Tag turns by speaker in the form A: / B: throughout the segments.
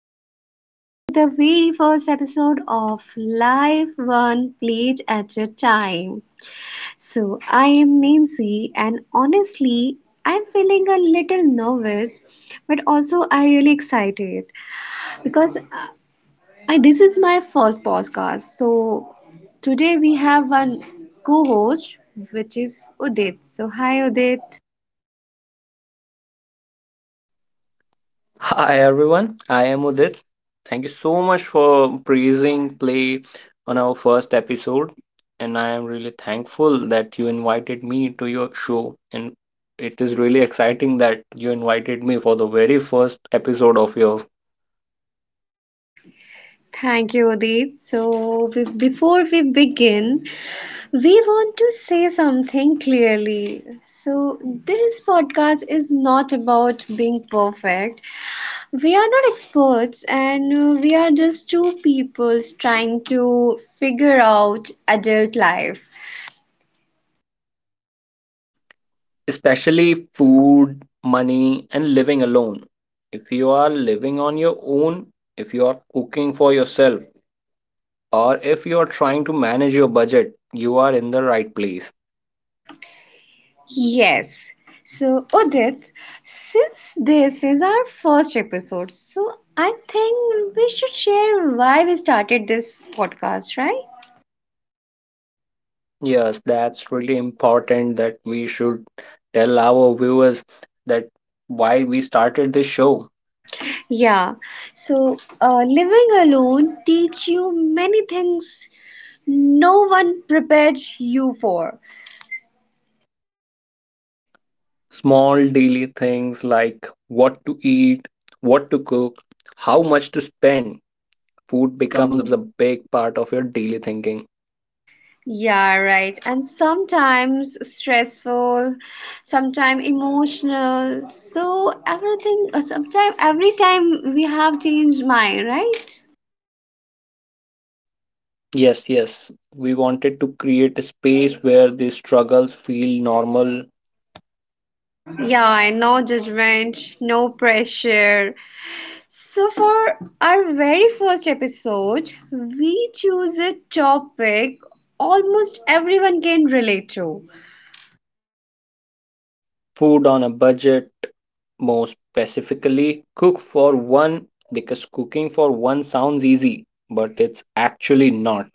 A: and welcome to the very first episode of Life One Plate at a Time. So, I am Nancy, and honestly, I'm feeling a little nervous, but also I really excited because this is my first podcast. So, today we have one co-host, which is Udit. So, hi, Udit.
B: Hi everyone, I am Udit. Thank you so much for praising play on our first episode, and I am really thankful that you invited me to your show. And it is really exciting that you invited me for the very first episode of yours,
A: Thank you, Udit. So, before we begin, we want to say something clearly. So, this podcast is not about being perfect. We are not experts, and we are just two peoples trying to figure out adult life.
B: especially food, money, and living alone. If you are living on your own, if you are cooking for yourself, or if you are trying to manage your budget, you are in the right place.
A: Yes. So, Udit, since this is our first episode, so I think we should share why we started this podcast, right?
B: Yes, that's really important that we should tell our viewers that why we started this show.
A: Yeah, so living alone teach you many things no one prepared you for.
B: Small daily things like what to eat, what to cook, how much to spend. Food
A: Becomes
B: becomes a
A: a
B: big part of your daily thinking.
A: Yeah, right. And sometimes stressful, sometimes emotional. So everything, sometimes every time we have changed mind, right?
B: Yes, yes. We wanted to create a space where these struggles feel normal.
A: Yeah, no judgment, no pressure. So, for our very first episode, we choose a topic almost everyone can relate to.
B: Food on a budget, more specifically cook for one, because cooking for one sounds easy, but it's actually not.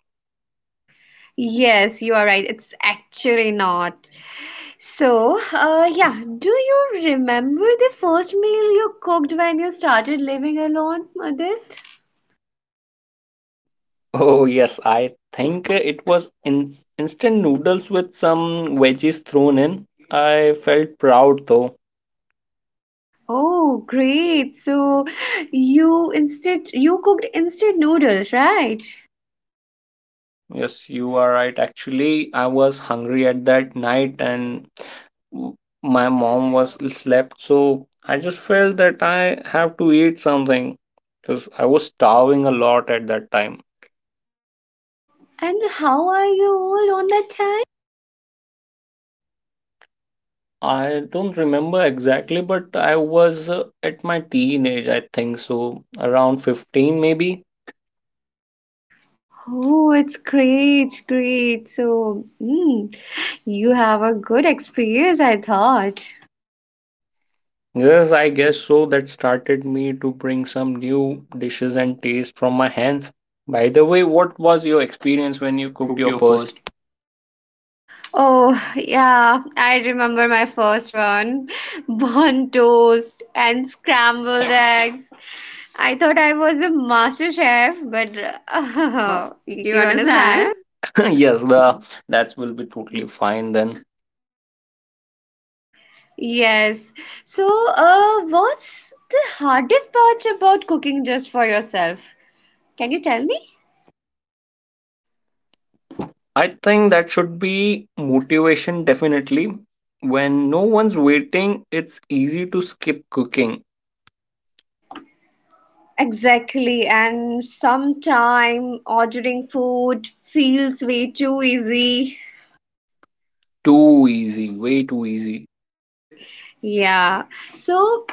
A: Yes, you are right, it's actually not. So, yeah, do you remember the first meal you cooked when you started living alone, Adit?
B: Oh yes, I think it was instant noodles with some veggies thrown in. I felt proud though.
A: Oh, great. So, you instead you cooked instant noodles, right?
B: Yes, you are right. Actually, I was hungry at that night, and w- my mom was slept, so I just felt that I have to eat something because I was starving a lot at that time.
A: And how are you all on that time?
B: I don't remember exactly, but I was at my teenage, I think so, around 15 maybe.
A: Oh, it's great, great. So, you have a good experience, I thought.
B: Yes, I guess so. That started me to bring some new dishes and taste from my hands. By the way, what was your experience when
A: When
B: you
A: you
B: cooked
A: cooked
B: your
A: your
B: first?
A: first? Oh, yeah, I remember my first one. Burnt toast and scrambled eggs. I thought I was a master chef, but
B: Oh,
A: uh,
B: you
A: you
B: understand?
A: understand?
B: Yes, the that will be totally fine then.
A: Yes. So, what's the hardest part about cooking just for yourself? Can you tell me?
B: I think that should be motivation definitely. When no one's waiting, it's easy to skip cooking.
A: Exactly, and sometime ordering food feels way too easy.
B: Too easy, way too easy.
A: Yeah. So,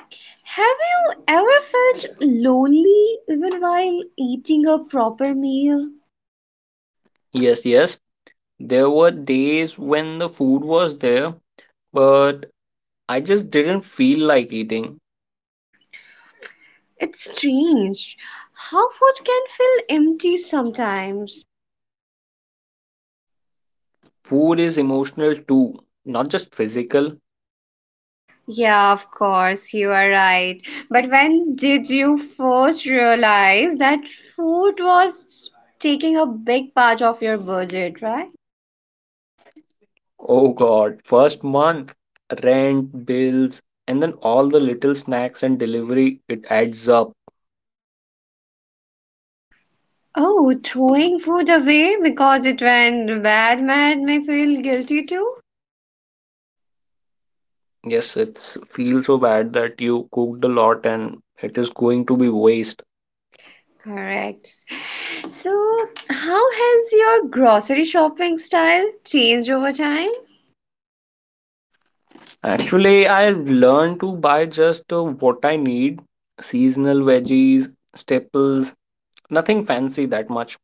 A: have you ever felt lonely even while eating a proper meal?
B: Yes, yes, there were days when the food was there, but I just didn't feel like eating.
A: It's strange how food can feel empty sometimes.
B: Food is emotional too, not just physical.
A: Yeah, of course, you are right. But when did you first realize that food was taking a big part of your budget, right?
B: Oh God, first month, rent, bills, and then all the little snacks and delivery, it adds up.
A: Oh, throwing food away because it went bad made me feel guilty too?
B: Yes, it's feels so bad that you cooked a lot and it is going to be waste.
A: Correct. So, how has your grocery shopping style changed over time?
B: Actually, I learned to buy just what I need, seasonal veggies, staples, nothing fancy that much.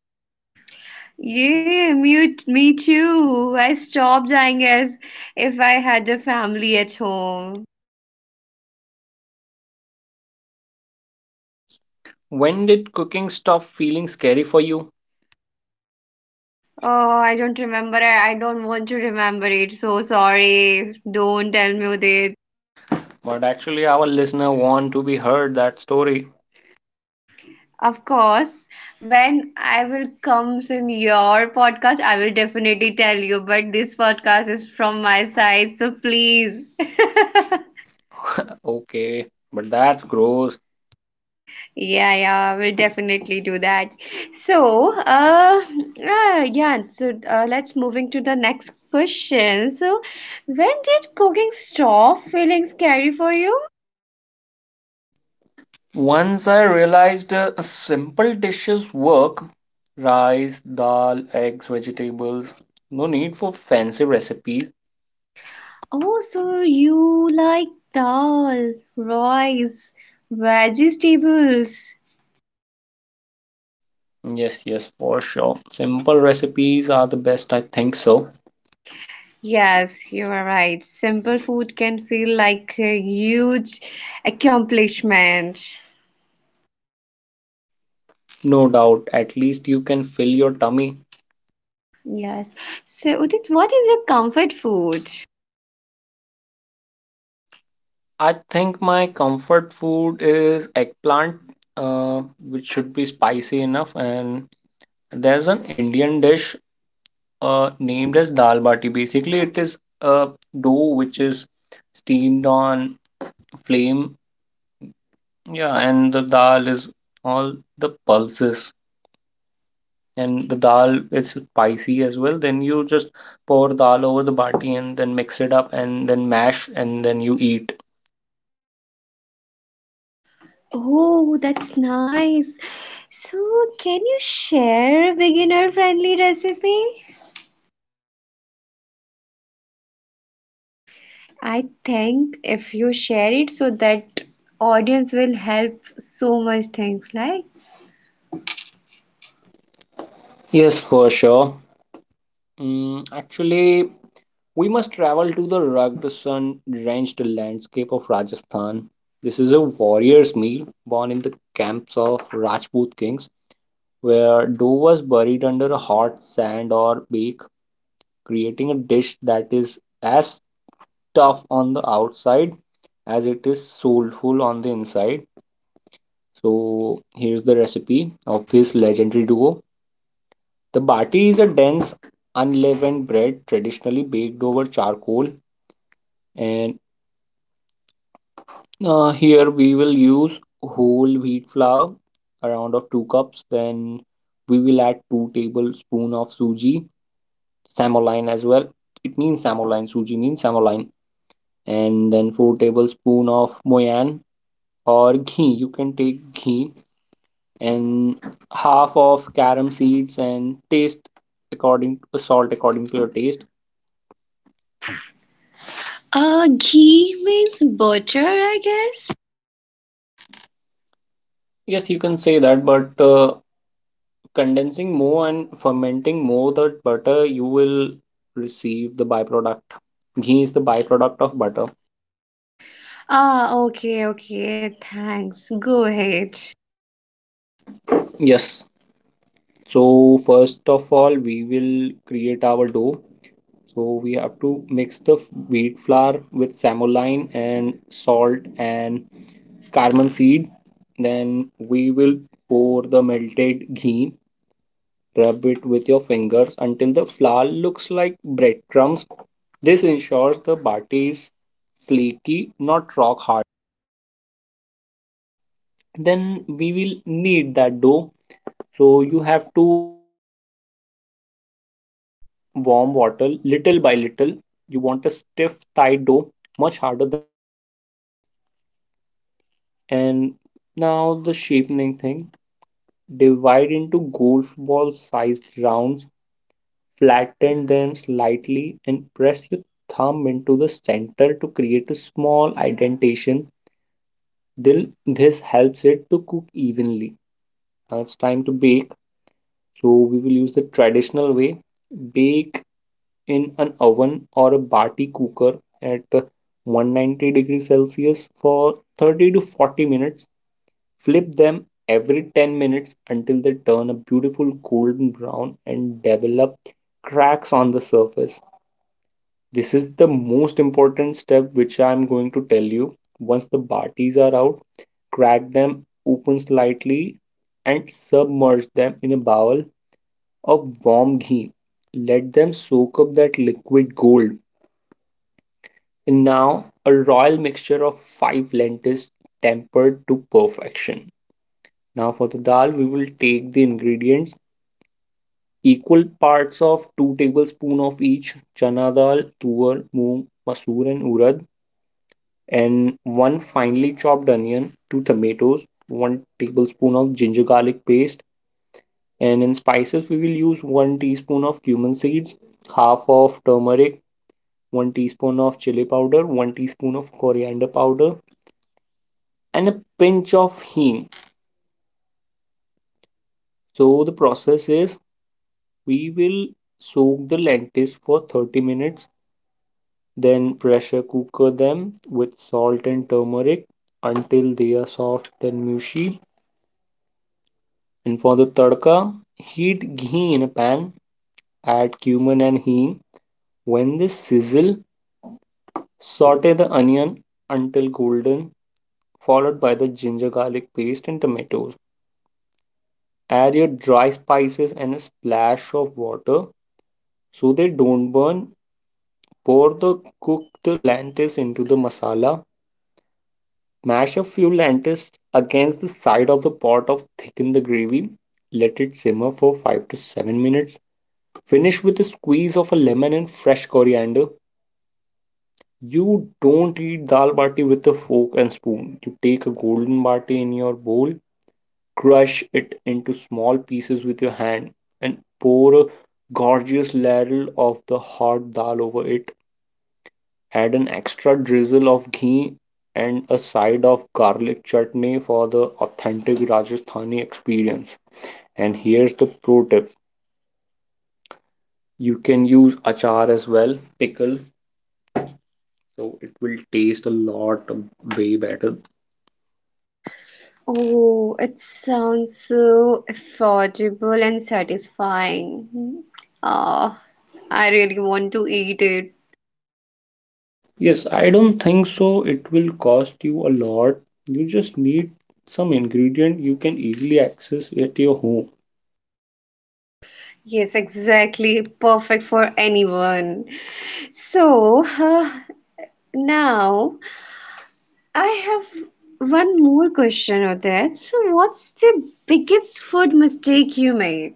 A: Yeah, me too. I stopped buying as if I had a family at home.
B: When did cooking stop feeling scary for you?
A: Oh, I don't remember. I don't want to remember it. So sorry. Don't tell me that.
B: But actually, our listener want to be heard that story.
A: Of course, when I will comes in your podcast, I will definitely tell you. But this podcast is from my side, so please.
B: Okay, but that's gross.
A: Yeah, yeah, we'll definitely do that. So, yeah, so let's moving to the next question. So, when did cooking stop feeling scary for you?
B: Once I realized simple dishes work: rice, dal, eggs, vegetables. No need for fancy recipes.
A: Oh, so you like dal, rice, vegetables.
B: Yes, yes, for sure. Simple recipes are the best, I think so.
A: Yes, you are right. Simple food can feel like a huge accomplishment.
B: No doubt. At least you can fill your tummy.
A: Yes. So, Udit, what is your comfort food?
B: I think my comfort food is eggplant, which should be spicy enough. And there's an Indian dish named as dal bati. Basically, it is a dough which is steamed on flame. Yeah, and the dal is all the pulses, and the dal is spicy as well. Then you just pour dal over the bati and then mix it up and then mash and then you eat.
A: Oh, that's nice. So, can you share a beginner-friendly recipe? I think if you share it so that audience will help so much things like
B: Yes, for sure. Actually, we must travel to the rugged, sun-drenched landscape of Rajasthan. This is a warrior's meal born in the camps of Rajput kings, where dough was buried under a hot sand or bake, creating a dish that is as tough on the outside as it is soulful on the inside. So, here's the recipe of this legendary duo. The bati is a dense, unleavened bread traditionally baked over charcoal, and here we will use whole wheat flour, around of 2 cups. Then we will add 2 tablespoon of suji, samoline as well. It means samoline, suji means samoline. And then 4 tablespoon of moyan or ghee, you can take ghee. And half of carom seeds, and taste according, salt according to your taste.
A: ghee means butter, I guess.
B: Yes, you can say that, but condensing more and fermenting more the butter, you will receive the byproduct. Ghee is the byproduct of butter.
A: Ah, okay, okay, thanks. Go ahead.
B: Yes. So first of all, we will create our dough. So we have to mix the wheat flour with samoline and salt and cardamom seed. Then we will pour the melted ghee. Rub it with your fingers until the flour looks like breadcrumbs. This ensures the bati is flaky, not rock hard. Then we will knead that dough. So you have to add some warm water little by little. You want a stiff, tight dough, much harder than roti dough. And now the shapening thing. Divide into golf ball sized rounds. Flatten them slightly and press your thumb into the center to create a small indentation. Then this helps it to cook evenly. Now it's time to bake. So we will use the traditional way. Bake in an oven or a bati cooker at 190 degrees Celsius for 30 to 40 minutes. Flip them every 10 minutes until they turn a beautiful golden brown and develop cracks on the surface. This is the most important step which I'm going to tell you. Once the baatis are out, crack them open slightly and submerge them in a bowl of warm ghee. Let them soak up that liquid gold. And now, a royal mixture of five lentils tempered to perfection. Now for the dal, we will take the ingredients: equal parts of 2 tablespoons of each chana dal, tuor, moong, masoor and urad, and one finely chopped onion, two tomatoes, 1 tablespoon of ginger garlic paste, and in spices we will use 1 teaspoon of cumin seeds, half of turmeric, 1 teaspoon of chili powder, 1 teaspoon of coriander powder, and a pinch of hing. So the process is, we will soak the lentils for 30 minutes, then pressure cooker them with salt and turmeric until they are soft and mushy. And for the tadka, heat ghee in a pan, add cumin and hing. When they sizzle, saute the onion until golden, followed by the ginger garlic paste and tomatoes. Add your dry spices and a splash of water so they don't burn. Pour the cooked lentils into the masala. Mash a few lentils against the side of the pot to thicken the gravy. Let it simmer for 5 to 7 minutes. Finish with a squeeze of a lemon and fresh coriander. You don't eat dal bati with a fork and spoon. You take a golden bati in your bowl, crush it into small pieces with your hand, and pour a gorgeous ladle of the hot dal over it. Add an extra drizzle of ghee and a side of garlic chutney for the authentic Rajasthani experience. And here's the pro tip: you can use achar as well, pickle, so it will taste a lot way better.
A: Oh, it sounds so affordable and satisfying. Hmm. Ah, I really want to eat it.
B: Yes, I don't think so, it will cost you a lot. You just need some ingredient you can easily access at your home.
A: Yes, exactly. Perfect for anyone. So, now I have one more question on that. So, what's the biggest food mistake you made?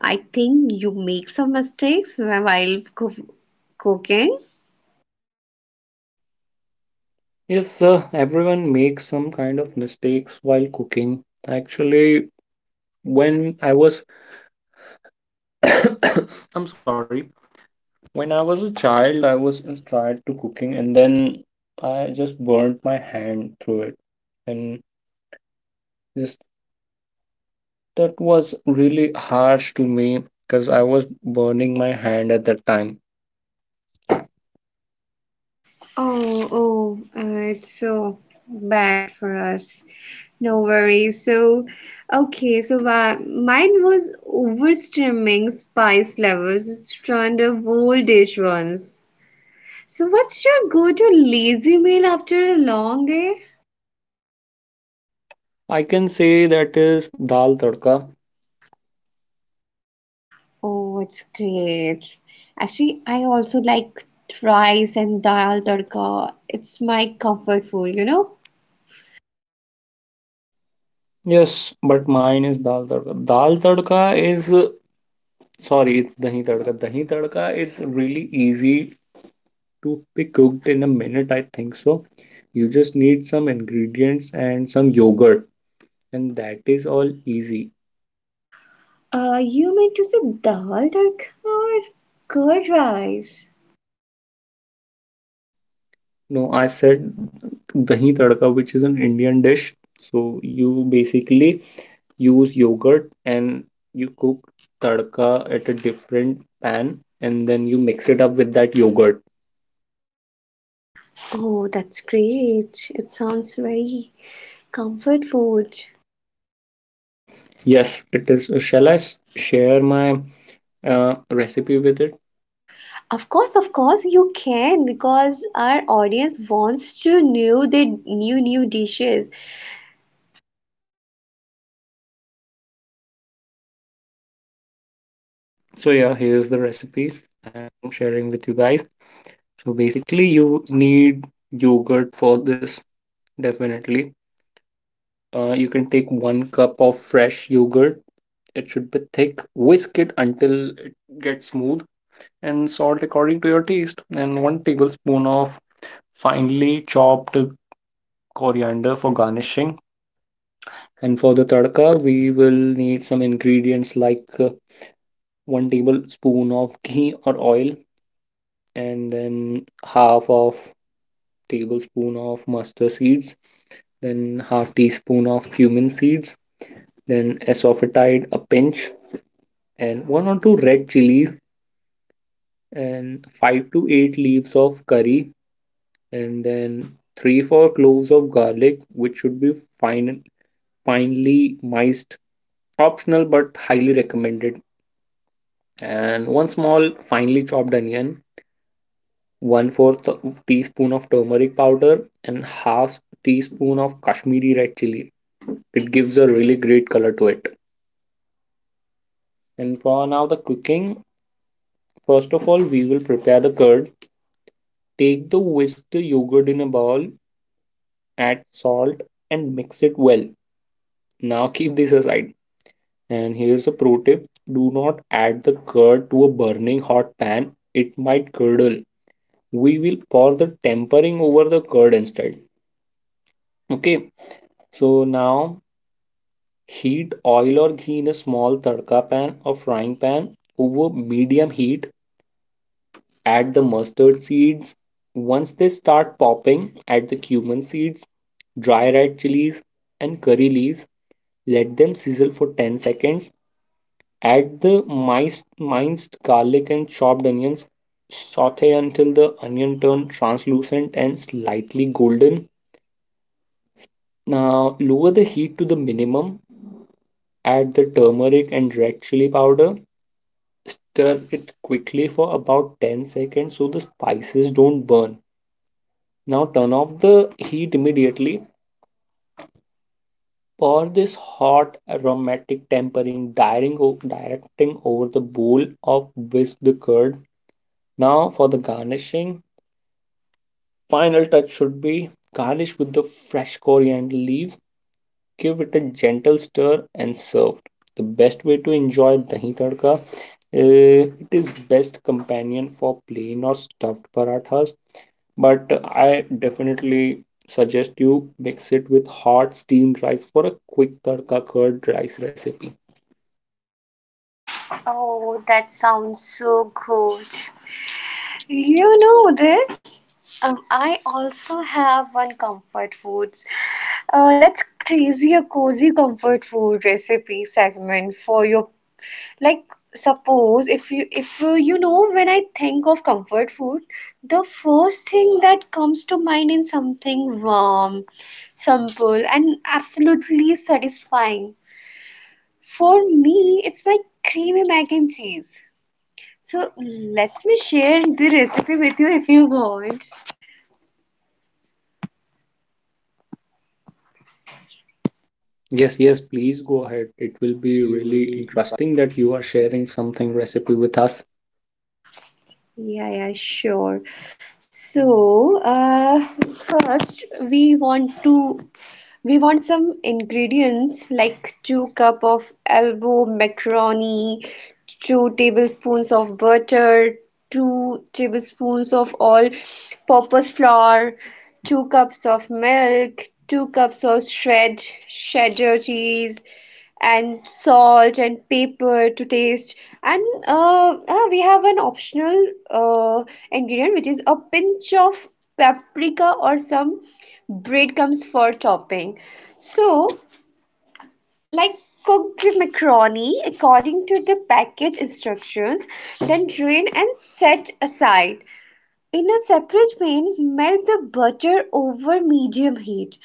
A: I think you make some mistakes while cooking.
B: Yes, everyone makes some kind of mistakes while cooking. Actually, when I was I'm sorry, when I was a child, I was inspired to cooking, and then I just burnt my hand through it. And just That was really harsh to me because I was burning my hand at that time.
A: Oh, it's so bad for us. No worries. So, okay, so mine was oversteaming spice levels. It's turned a whole dish once. So, what's your go-to lazy meal after a long day?
B: I can say that is dal tadka.
A: Oh, it's great. Actually, I also like rice and dal tadka. It's my comfort food, you know?
B: Yes, but mine is dal tadka. Dal tadka is sorry, it's dahi tadka. Dahi tadka is really easy to be cooked in a minute, I think so. You just need some ingredients and some yogurt, and that is all easy.
A: You meant to say dal tadka or curd rice?
B: No, I said dahi tadka, which is an Indian dish. So you basically use yogurt and you cook tadka at a different pan, and then you mix it up with that yogurt.
A: Oh, that's great. It sounds very comfort food.
B: Yes, it is. Shall I share my recipe with it?
A: Of course, you can because our audience wants to know the new dishes.
B: So yeah, here's the recipe I'm sharing with you guys. So basically, you need yogurt for this, definitely. You can take 1 cup of fresh yogurt. It should be thick. Whisk it until it gets smooth, and salt according to your taste. And 1 tablespoon of finely chopped coriander for garnishing. And for the tadka, we will need some ingredients like 1 tablespoon of ghee or oil, and then half of tablespoon of mustard seeds, then half teaspoon of cumin seeds, then asafoetide a pinch, and one or two red chilies, and five to eight leaves of curry, and then 3-4 cloves of garlic, which should be fine finely miced. Optional but highly recommended. And one small finely chopped onion, 1/4 teaspoon of turmeric powder, and half teaspoon of Kashmiri red chili. It gives a really great color to it. And for now, the cooking. First of all, we will prepare the curd. Take the whisked yogurt in a bowl, add salt, and mix it well. Now keep this aside. And here's a pro tip: do not add the curd to a burning hot pan, it might curdle. We will pour the tempering over the curd instead. Okay, so now heat oil or ghee in a small tadka pan or frying pan over medium heat. Add the mustard seeds. Once they start popping, add the cumin seeds, dry red chilies, and curry leaves. Let them sizzle for 10 seconds. Add the minced garlic and chopped onions. Saute until the onion turns translucent and slightly golden. Now lower the heat to the minimum. Add the turmeric and red chili powder. Stir it quickly for about 10 seconds so the spices don't burn. Now turn off the heat immediately. Pour this hot aromatic tempering directing, over the bowl of whisk the curd. Now for the garnishing. Final touch should be garnish with the fresh coriander leaves. Give it a gentle stir and serve. The best way to enjoy dahi tadka. It is best companion for plain or stuffed parathas, but I definitely suggest you mix it with hot steamed rice for a quick tadka curd rice recipe.
A: Oh, that sounds so good. You know that? I also have one comfort foods. Let's crazy a cozy comfort food recipe segment for your like suppose if you know when I think of comfort food, the first thing that comes to mind is something warm, simple, and absolutely satisfying. For me, it's my creamy mac and cheese. So let me share the recipe with you if you want.
B: Yes, yes, please go ahead. It will
A: It will
B: be
A: be
B: really
A: really interesting.
B: interesting that you are sharing something recipe with us.
A: Yeah, yeah, sure. So, uh, first we want to we want some ingredients like 2 cup of elbow macaroni, 2 tablespoons of butter, 2 tablespoons of all-purpose flour, 2 cups of milk, 2 cups of shred cheddar cheese, and salt and pepper to taste. And we have an optional ingredient which is a pinch of paprika or some bread comes for topping. So, like cook the macaroni according to the package instructions, then drain and set aside. In a separate pan, melt the butter over medium heat.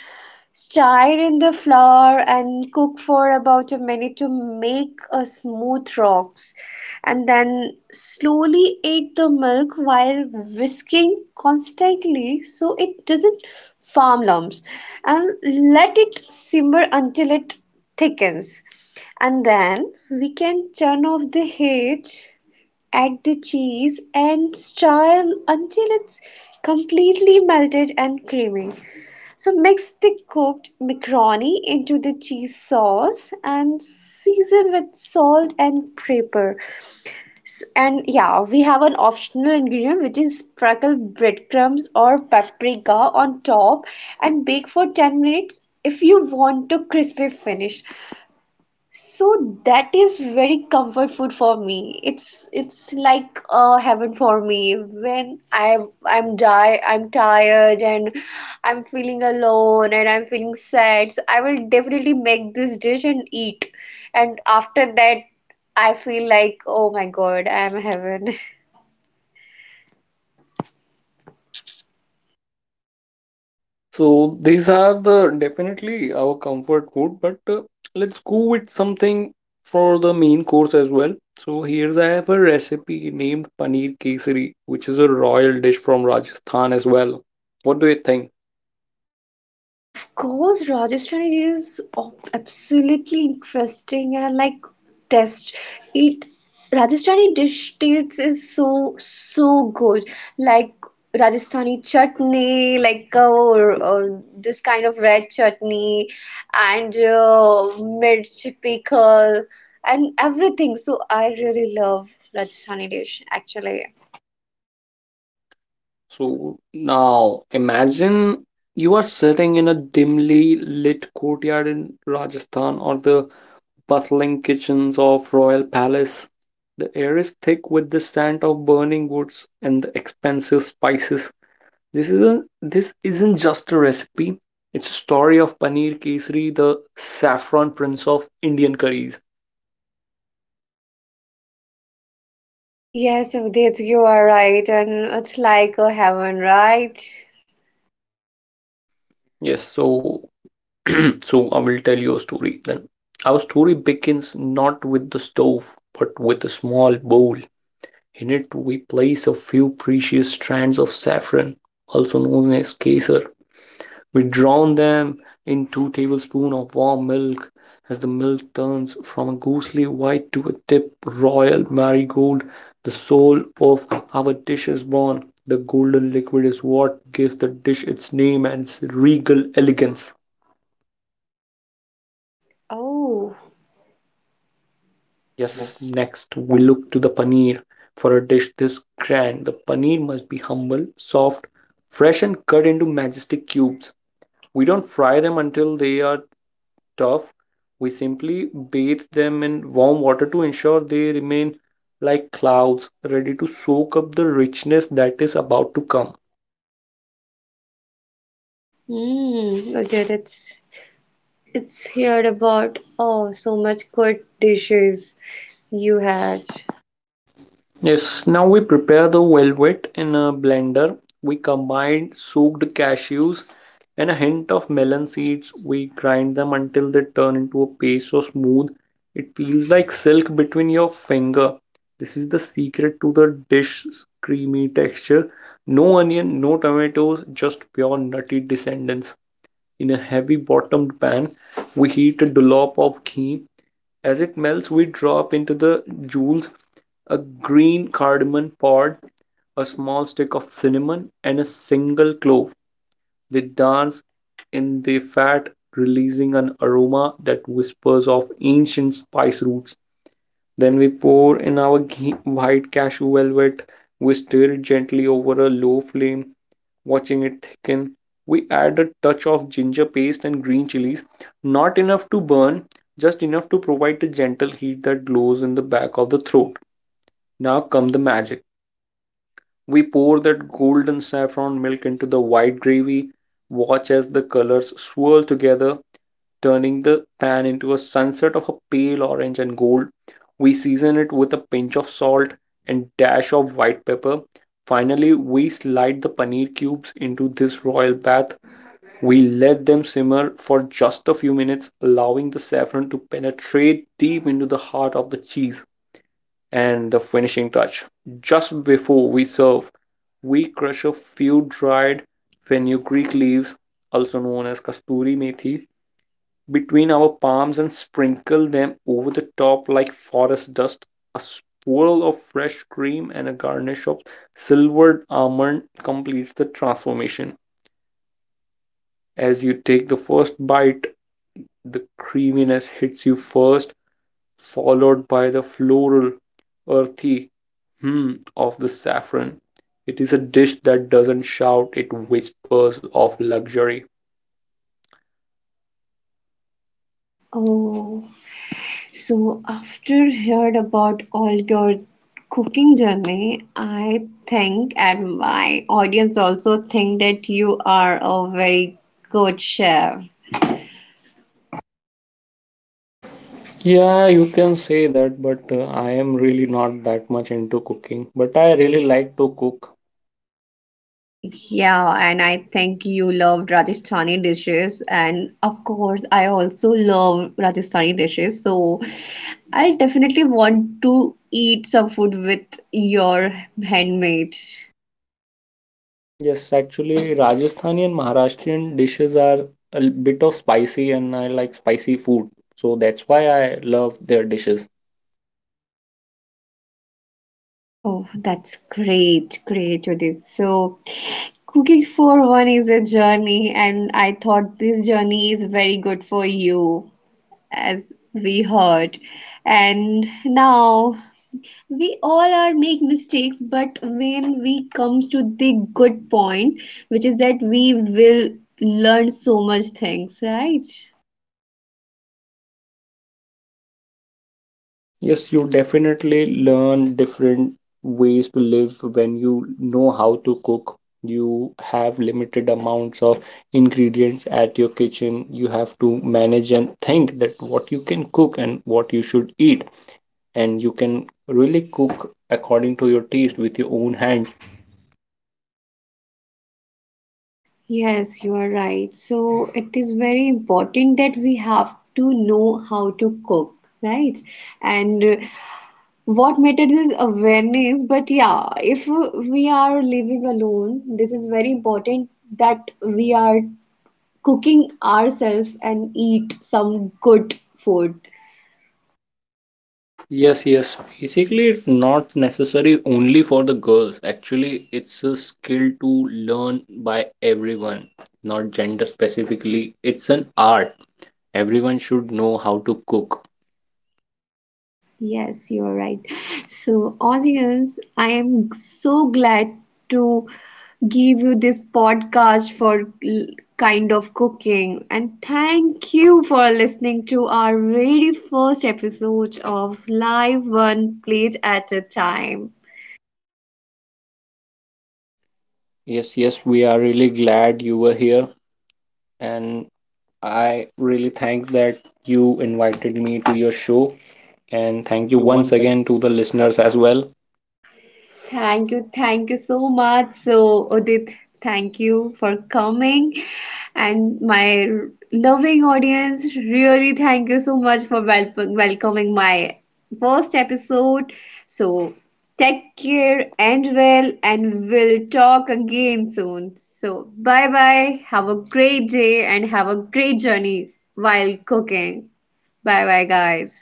A: Stir in the flour and cook for about a minute to make a smooth rocks. And then slowly add the milk while whisking constantly so it doesn't form lumps. And let it simmer until it thickens. And then we can turn off the heat, add the cheese, and stir until it's completely melted and creamy. So mix the cooked macaroni into the cheese sauce and season with salt and pepper. And yeah, we have an optional ingredient which is sprinkle breadcrumbs or paprika on top and bake for 10 minutes if you want to crispy finish. So that is very comfort food for me. It's like heaven for me. When I'm tired and I'm feeling alone and I'm feeling sad. So I will definitely make this dish and eat. And after that, I feel like oh my God, I'm heaven.
B: So these are the definitely our comfort food, but let's go with something for the main course as well. So here's I have a recipe named paneer kesari, which is a royal dish from Rajasthan as well. What do you think?
A: Of course, Rajasthani is absolutely interesting and like test it. Rajasthani dish tastes is so so good. Like Rajasthani chutney, like this kind of red chutney, and mirch pickle, and everything. So I really love Rajasthani dish actually.
B: So now imagine you are sitting in a dimly lit courtyard in Rajasthan or the bustling kitchens of royal palace. The air is thick with the scent of burning woods and the expensive spices. This isn't just a recipe. It's a story of Paneer Kesari, the saffron prince of Indian curries.
A: Yes, Avdit, you are right, and it's like a heaven, right?
B: Yes, so so I will tell you a story then. Our story begins not with the stove, but with a small bowl. In it, we place a few precious strands of saffron, also known as kesar. We drown them in 2 tablespoons of warm milk. As the milk turns from a ghostly white to a deep royal marigold, the soul of our dish is born. The golden liquid is what gives the dish its name and its regal elegance.
A: Oh.
B: Yes,
A: Yes.
B: next we look to the paneer. For a dish this grand, the paneer must be humble, soft, fresh, and cut into majestic cubes. We don't fry them until they are tough. We simply bathe them in warm water to ensure they remain like clouds, ready to soak up the richness that is about to come.
A: Mm, okay, that's it's here about oh so much good dishes you had.
B: Yes, now we prepare the velvet in a blender. We combine soaked cashews and a hint of melon seeds. We grind them until they turn into a paste so smooth. It feels like silk between your finger. This is the secret to the dish's creamy texture. No onion, no tomatoes, just pure nutty descendants. In a heavy bottomed pan, we heat a dollop of ghee as it melts, we drop into the jewels a green cardamom pod, a small stick of cinnamon, and a single clove. They dance in the fat, releasing an aroma that whispers of ancient spice roots. Then we pour in our ghee- white cashew velvet. We stir it gently over a low flame, watching it thicken. We add a touch of ginger paste and green chilies, not enough to burn, just enough to provide a gentle heat that glows in the back of the throat. Now come the magic. We pour that golden saffron milk into the white gravy, watch as the colors swirl together, turning the pan into a sunset of a pale orange and gold. We season it with a pinch of salt and dash of white pepper. Finally, we slide the paneer cubes into this royal bath. We let them simmer for just a few minutes, allowing the saffron to penetrate deep into the heart of the cheese and the finishing touch. Just before we serve, we crush a few dried fenugreek leaves, also known as kasturi methi, between our palms and sprinkle them over the top like forest dust. A swirl of fresh cream and a garnish of silvered almond completes the transformation. As you take the first bite, the creaminess hits you first, followed by the floral, earthy hum of the saffron. It is a dish that doesn't shout, it whispers of luxury.
A: Oh, so after heard about all your cooking journey, I think, and my audience also think that you are a very good chef.
B: Yeah, you can say that, but I am really not that much into cooking. But I really like to cook.
A: Yeah, and I think you loved Rajasthani dishes, and of course, I also love Rajasthani dishes. So, I'll definitely want to eat some food with your handmade.
B: Yes, actually, Rajasthani and Maharashtrian dishes are a bit of spicy, and I like spicy food. So that's why I love their dishes.
A: Oh, that's great, great, Judith. So, cooking for one is a journey, and I thought this journey is very good for you, as we heard. And now we all are make mistakes, but when we comes to the good point, which is that we will learn so much things, right?
B: Yes, you definitely learn different ways to live when you know how to cook. You have limited amounts of ingredients at your kitchen. You have to manage and think that what you can cook and what you should eat. And you can really cook according to your taste with your own hands.
A: Yes, you are right. So it is very important that we have to know how to cook, right? And what matters is awareness. But yeah, if we are living alone, this is very important that we are cooking ourselves and eat some good food.
B: Yes, yes. Basically, it's not necessary only for the girls. Actually, it's a skill to learn by everyone, not gender specifically. It's an art. Everyone should know how to cook.
A: Yes, you are right. So, audience, I am so glad to give you this podcast for kind of cooking. And thank you for listening to our very first episode of Live One Plate at a Time.
B: Yes, yes, we are really glad you were here, and I really thank that you invited me to your show. And thank
A: Thank
B: you
A: you
B: once
A: once
B: again to the listeners as well.
A: Thank you so much. So, Udit, thank you for coming. And my loving audience, really thank you so much for welcoming my first episode. So, take care and well, and we'll talk again soon. So, bye bye. Have a great day and have a great journey while cooking. Bye bye, guys.